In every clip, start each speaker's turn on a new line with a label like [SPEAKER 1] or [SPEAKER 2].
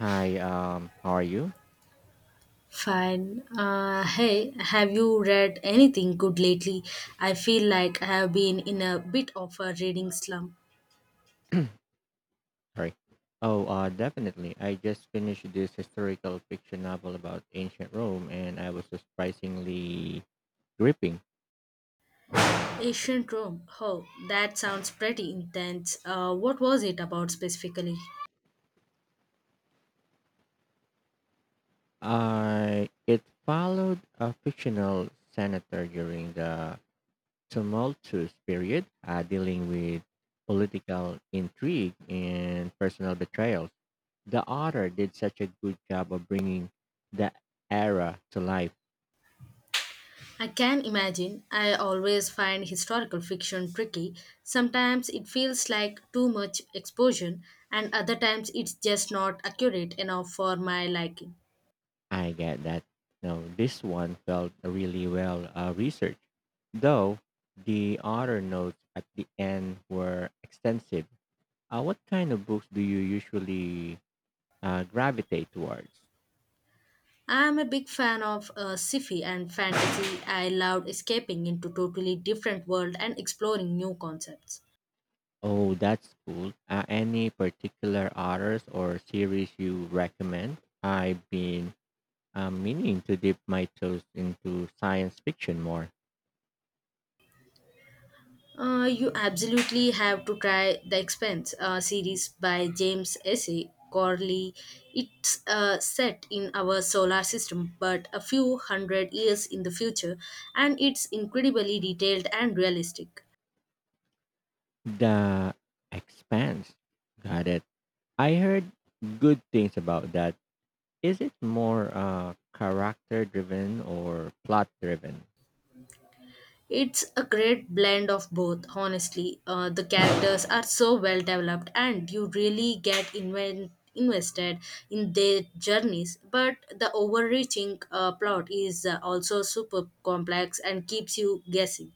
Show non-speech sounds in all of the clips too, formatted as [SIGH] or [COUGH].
[SPEAKER 1] Hi, how are you?
[SPEAKER 2] Fine. Hey, have you read anything good lately? I feel like I have been in a bit of a reading slump.
[SPEAKER 1] Sorry. Oh, definitely. I just finished this historical fiction novel about ancient Rome, and I was surprisingly gripping.
[SPEAKER 2] Ancient Rome. Oh, that sounds pretty intense. What was it about specifically?
[SPEAKER 1] I it followed a fictional senator during the tumultuous period, dealing with political intrigue and personal betrayals. The author did such a good job of bringing the era to life.
[SPEAKER 2] I can imagine. I always find historical fiction tricky. Sometimes it feels like too much exposure, and other times it's just not accurate enough for my liking.
[SPEAKER 1] I get that. No, this one felt really well researched, though the other notes at the end were extensive. What kind of books do you usually gravitate towards?
[SPEAKER 2] I'm a big fan of sci-fi and fantasy. I loved escaping into totally different world and exploring new concepts.
[SPEAKER 1] Oh, that's cool. Any particular authors or series you recommend? I've been meaning to dip my toes into science fiction more.
[SPEAKER 2] You absolutely have to try The Expanse series by James S.A. Corley. It's set in our solar system, but a few hundred years in the future, and it's incredibly detailed and realistic.
[SPEAKER 1] The Expanse. Got it. I heard good things about that. Is it more character driven or plot driven?
[SPEAKER 2] It's a great blend of both, honestly. The characters are so well developed, and you really get invested in their journeys. But the overreaching plot is also super complex and keeps you guessing.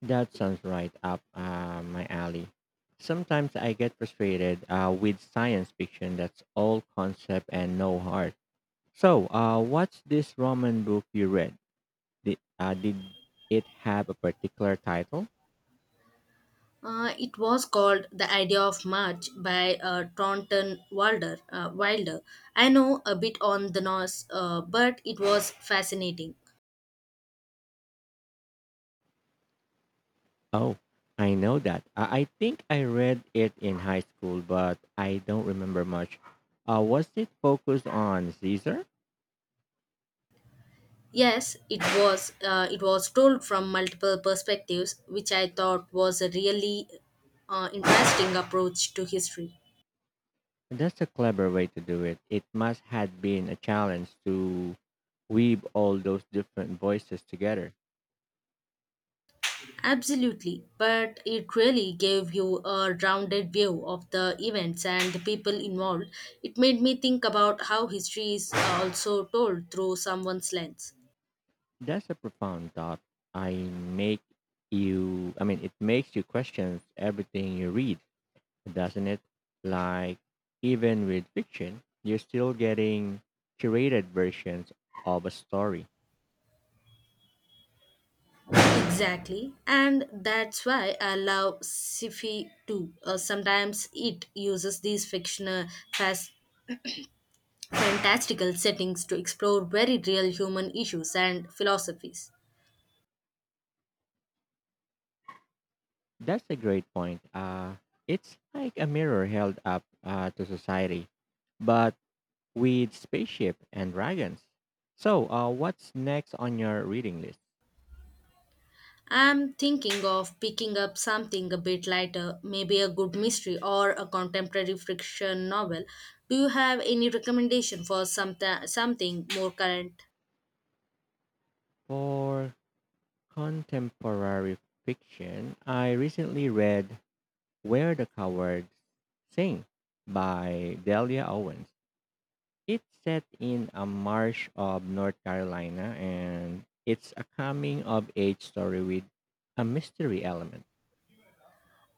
[SPEAKER 1] That sounds right up my alley. Sometimes I get frustrated with science fiction that's all concept and no heart. So, what's this Roman book you read? Did it have a particular title?
[SPEAKER 2] It was called The Idea of March by Thornton Wilder. I know a bit on the Norse, but it was fascinating.
[SPEAKER 1] Oh, I know that. I think I read it in high school, but I don't remember much. Was it focused on Caesar?
[SPEAKER 2] Yes, it was. It was told from multiple perspectives, which I thought was a really interesting approach to history.
[SPEAKER 1] That's a clever way to do it. It must have been a challenge to weave all those different voices together.
[SPEAKER 2] Absolutely, but it really gave you a rounded view of the events and the people involved. It made me think about how history is also told through someone's lens.
[SPEAKER 1] That's a profound thought. I make you, I mean, it makes you question everything you read, doesn't it? Like, even with fiction, you're still getting curated versions of a story.
[SPEAKER 2] Exactly, and that's why I love sci-fi too. Sometimes it uses these fictional, fas- fantastical settings to explore very real human issues and philosophies.
[SPEAKER 1] That's a great point. It's like a mirror held up to society. But with Spaceship and Dragons. So, what's next on your reading list?
[SPEAKER 2] I'm thinking of picking up something a bit lighter, maybe a good mystery or a contemporary fiction novel. Do you have any recommendation for something more current?
[SPEAKER 1] For contemporary fiction, I recently read Where the Cowards Sing by Delia Owens. It's set in a marsh of North Carolina and it's a coming of age story with a mystery element.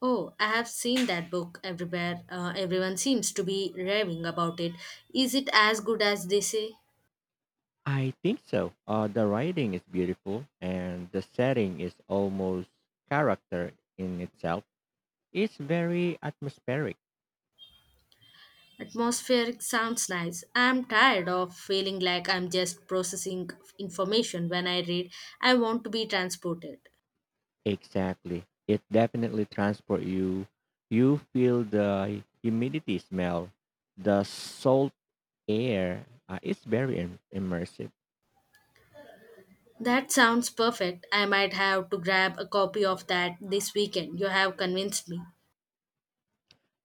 [SPEAKER 2] Oh, I have seen that book everywhere. Everyone seems to be raving about it. Is it as good as they say?
[SPEAKER 1] I think so. The writing is beautiful and the setting is almost character in itself. It's very atmospheric.
[SPEAKER 2] Atmospheric sounds nice. I'm tired of feeling like I'm just processing information when I read. I want to be transported.
[SPEAKER 1] Exactly. It definitely transport you. You feel the humidity smell, the salt air. It's very immersive.
[SPEAKER 2] That sounds perfect. I might have to grab a copy of that this weekend. You have convinced me.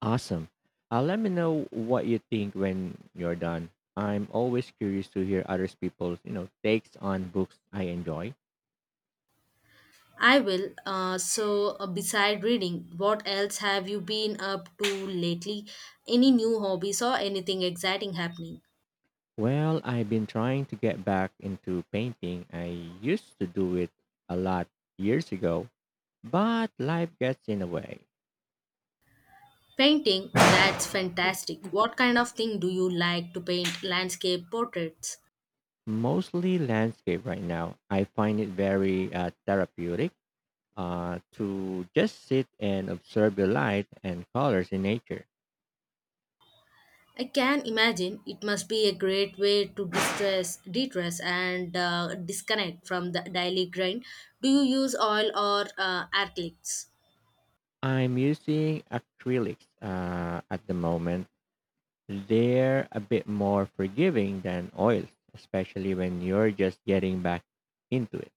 [SPEAKER 1] Awesome. Let me know what you think when you're done. I'm always curious to hear other people's takes on books I enjoy.
[SPEAKER 2] I will. So, beside reading, what else have you been up to lately? Any new hobbies or anything exciting happening?
[SPEAKER 1] Well, I've been trying to get back into painting. I used to do it a lot years ago, but life gets in the way.
[SPEAKER 2] Painting? That's fantastic. What kind of thing do you like to paint? Landscape portraits?
[SPEAKER 1] Mostly landscape right now. I find it very therapeutic to just sit and observe the light and colors in nature.
[SPEAKER 2] I can imagine it must be a great way to distress, detress, and disconnect from the daily grind. Do you use oil or acrylics?
[SPEAKER 1] I'm using acrylics at the moment. They're a bit more forgiving than oils, especially when you're just getting back into it.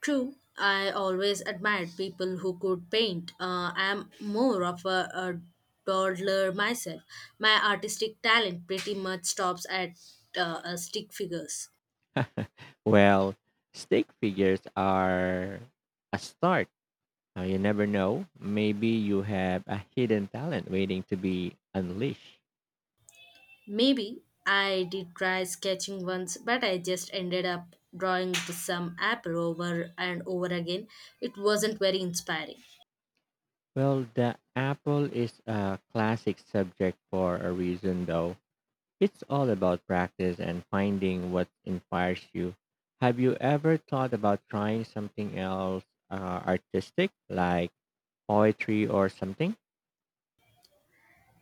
[SPEAKER 2] True, I always admired people who could paint. I am more of a dawdler myself. My artistic talent pretty much stops at stick figures.
[SPEAKER 1] [LAUGHS] Well, stick figures are a start. You never know. Maybe you have a hidden talent waiting to be unleashed.
[SPEAKER 2] Maybe I did try sketching once, but I just ended up drawing some apple over and over again. It wasn't very inspiring.
[SPEAKER 1] Well, the apple is a classic subject for a reason, though. It's all about practice and finding what inspires you. Have you ever thought about trying something else artistic, like poetry or something?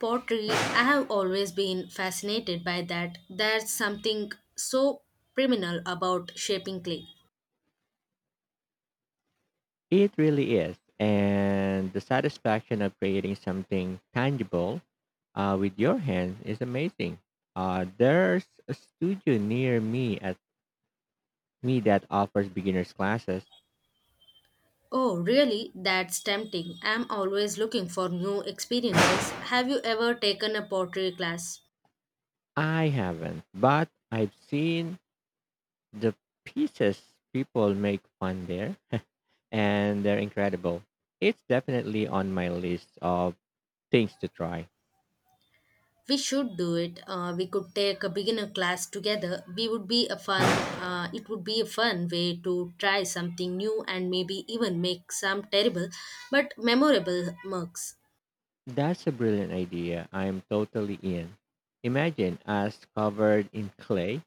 [SPEAKER 2] Pottery, I have always been fascinated by that. There's something so criminal about shaping clay.
[SPEAKER 1] It really is. And the satisfaction of creating something tangible with your hands is amazing. There's a studio near me that offers beginners classes.
[SPEAKER 2] Oh, really? That's tempting. I'm always looking for new experiences. Have you ever taken a pottery class?
[SPEAKER 1] I haven't, but I've seen the pieces people make fun there, and they're incredible. It's definitely on my list of things to try.
[SPEAKER 2] We should do it. We could take a beginner class together. We would be a fun. It would be a fun way to try something new and maybe even make some terrible but memorable mugs.
[SPEAKER 1] That's a brilliant idea. I'm totally in. Imagine us covered in clay,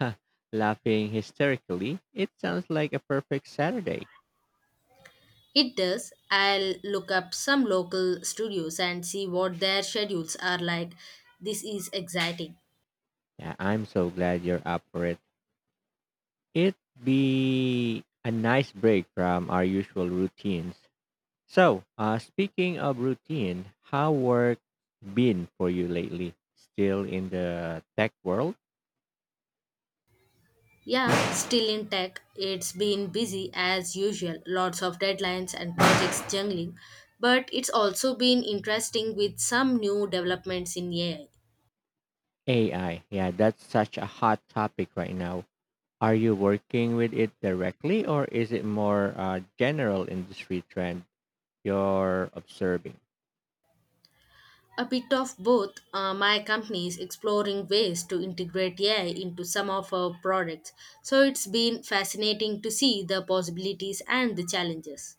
[SPEAKER 1] [LAUGHS] laughing hysterically. It sounds like a perfect Saturday.
[SPEAKER 2] It does. I'll look up some local studios and see what their schedules are like. This is exciting.
[SPEAKER 1] Yeah, I'm so glad you're up for it. It'd be a nice break from our usual routines. So, speaking of routine, how work been for you lately? Still in the tech world?
[SPEAKER 2] Yeah, still in tech, it's been busy as usual, lots of deadlines and projects jungling, but it's also been interesting with some new developments in AI.
[SPEAKER 1] AI. Yeah, that's such a hot topic right now. Are you working with it directly or is it more general industry trend you're observing?
[SPEAKER 2] A bit of both, my company is exploring ways to integrate AI into some of our products, so it's been fascinating to see the possibilities and the challenges.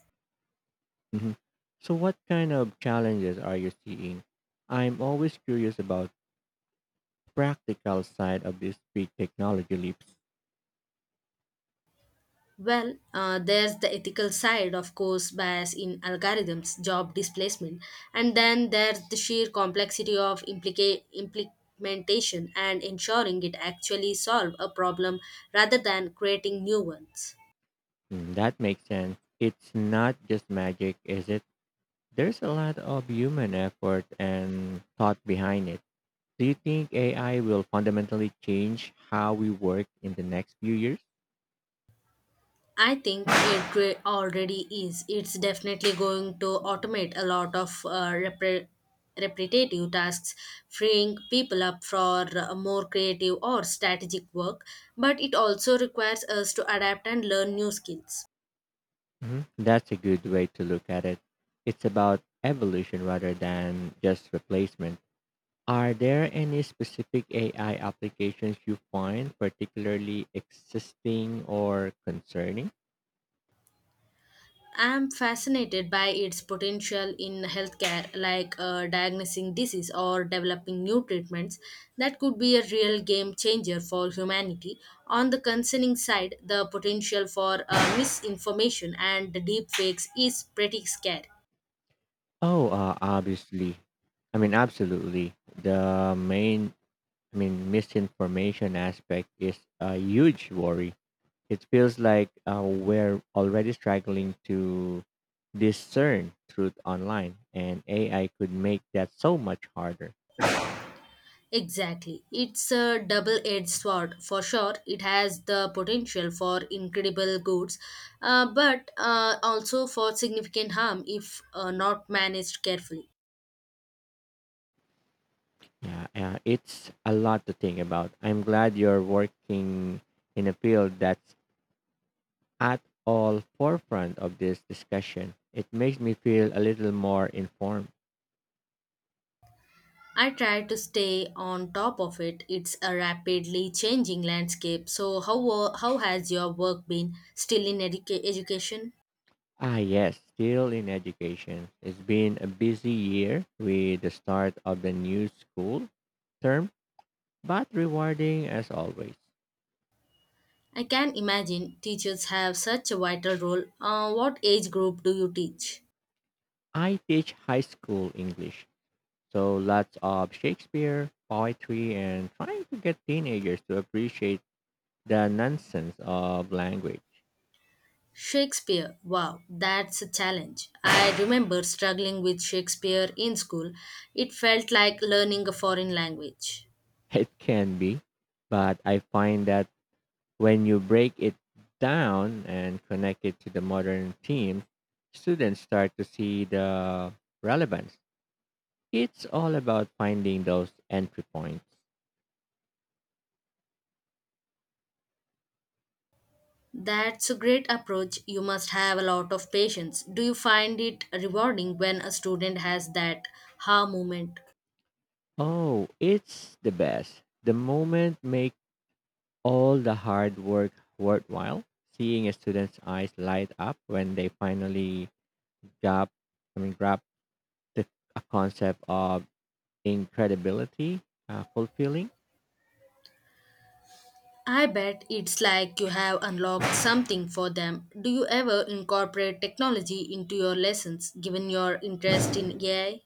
[SPEAKER 1] Hmm. So, what kind of challenges are you seeing? I'm always curious about practical side of these big technology leaps.
[SPEAKER 2] Well, there's the ethical side, of course, bias in algorithms, job displacement, and then there's the sheer complexity of implementation and ensuring it actually solve a problem rather than creating new ones.
[SPEAKER 1] Mm, that makes sense. It's not just magic, is it? There's a lot of human effort and thought behind it. Do you think AI will fundamentally change how we work in the next few years?
[SPEAKER 2] I think it already is. It's definitely going to automate a lot of repetitive tasks, freeing people up for more creative or strategic work, but it also requires us to adapt and learn new skills.
[SPEAKER 1] Hmm. That's a good way to look at it. It's about evolution rather than just replacement. Are there any specific AI applications you find particularly existing or concerning?
[SPEAKER 2] I'm fascinated by its potential in healthcare, like diagnosing disease or developing new treatments that could be a real game changer for humanity. On the concerning side, the potential for misinformation and deep fakes is pretty scary.
[SPEAKER 1] Oh, Obviously. Absolutely. The main, I mean, misinformation aspect is a huge worry. It feels like we're already struggling to discern truth online, and AI could make that so much harder.
[SPEAKER 2] Exactly. It's a double edged sword. For sure, it has the potential for incredible goods, but also for significant harm if not managed carefully.
[SPEAKER 1] Yeah, it's a lot to think about. I'm glad you're working in a field that's at all forefront of this discussion. It makes me feel a little more informed.
[SPEAKER 2] I try to stay on top of it. It's a rapidly changing landscape. So, how has your work been, still in education?
[SPEAKER 1] Ah, yes, still in education. It's been a busy year with the start of the new school term, but rewarding as always.
[SPEAKER 2] I can imagine teachers have such a vital role. What age group do you teach?
[SPEAKER 1] I teach high school English, so lots of Shakespeare, poetry, and trying to get teenagers to appreciate the nonsense of language.
[SPEAKER 2] Shakespeare. Wow, that's a challenge. I remember struggling with Shakespeare in school. It felt like learning a foreign language.
[SPEAKER 1] [LAUGHS] It can be, but I find that when you break it down and connect it to the modern themes, students start to see the relevance. It's all about finding those entry points.
[SPEAKER 2] That's a great approach. You must have a lot of patience. Do you find it rewarding when a student has that ha moment?
[SPEAKER 1] Oh, it's the best. The moment make all the hard work worthwhile. Seeing a student's eyes light up when they finally grab, grab the a concept of incredibility, fulfilling.
[SPEAKER 2] I bet it's like you have unlocked something for them. Do you ever incorporate technology into your lessons given your interest in AI?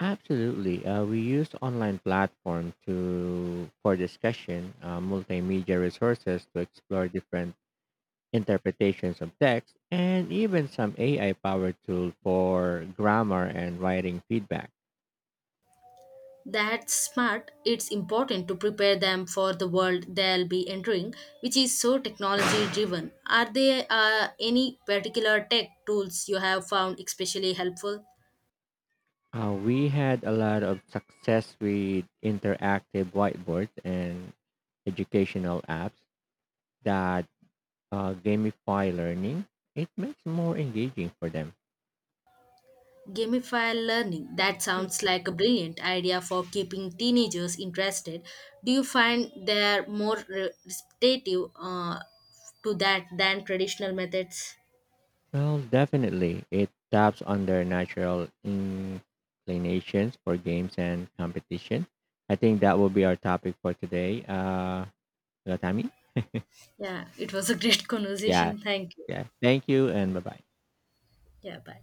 [SPEAKER 1] Absolutely. We use online platform to for discussion, multimedia resources to explore different interpretations of text, and even some AI powered tool for grammar and writing feedback.
[SPEAKER 2] That's smart. It's important to prepare them for the world they'll be entering, which is so technology driven. Are there any particular tech tools you have found especially helpful?
[SPEAKER 1] We had a lot of success with interactive whiteboards and educational apps that gamify learning. It makes more engaging for them.
[SPEAKER 2] Gamified learning. That sounds like a brilliant idea for keeping teenagers interested. Do you find they're more receptive to that than traditional methods?
[SPEAKER 1] Well, definitely, it taps on their natural inclinations for games and competition. I think that will be our topic for today. Gatami?
[SPEAKER 2] Yeah, it was a great [LAUGHS]
[SPEAKER 1] Yeah,
[SPEAKER 2] conversation. Thank you.
[SPEAKER 1] yeah. Thank you and bye bye.
[SPEAKER 2] Yeah, bye.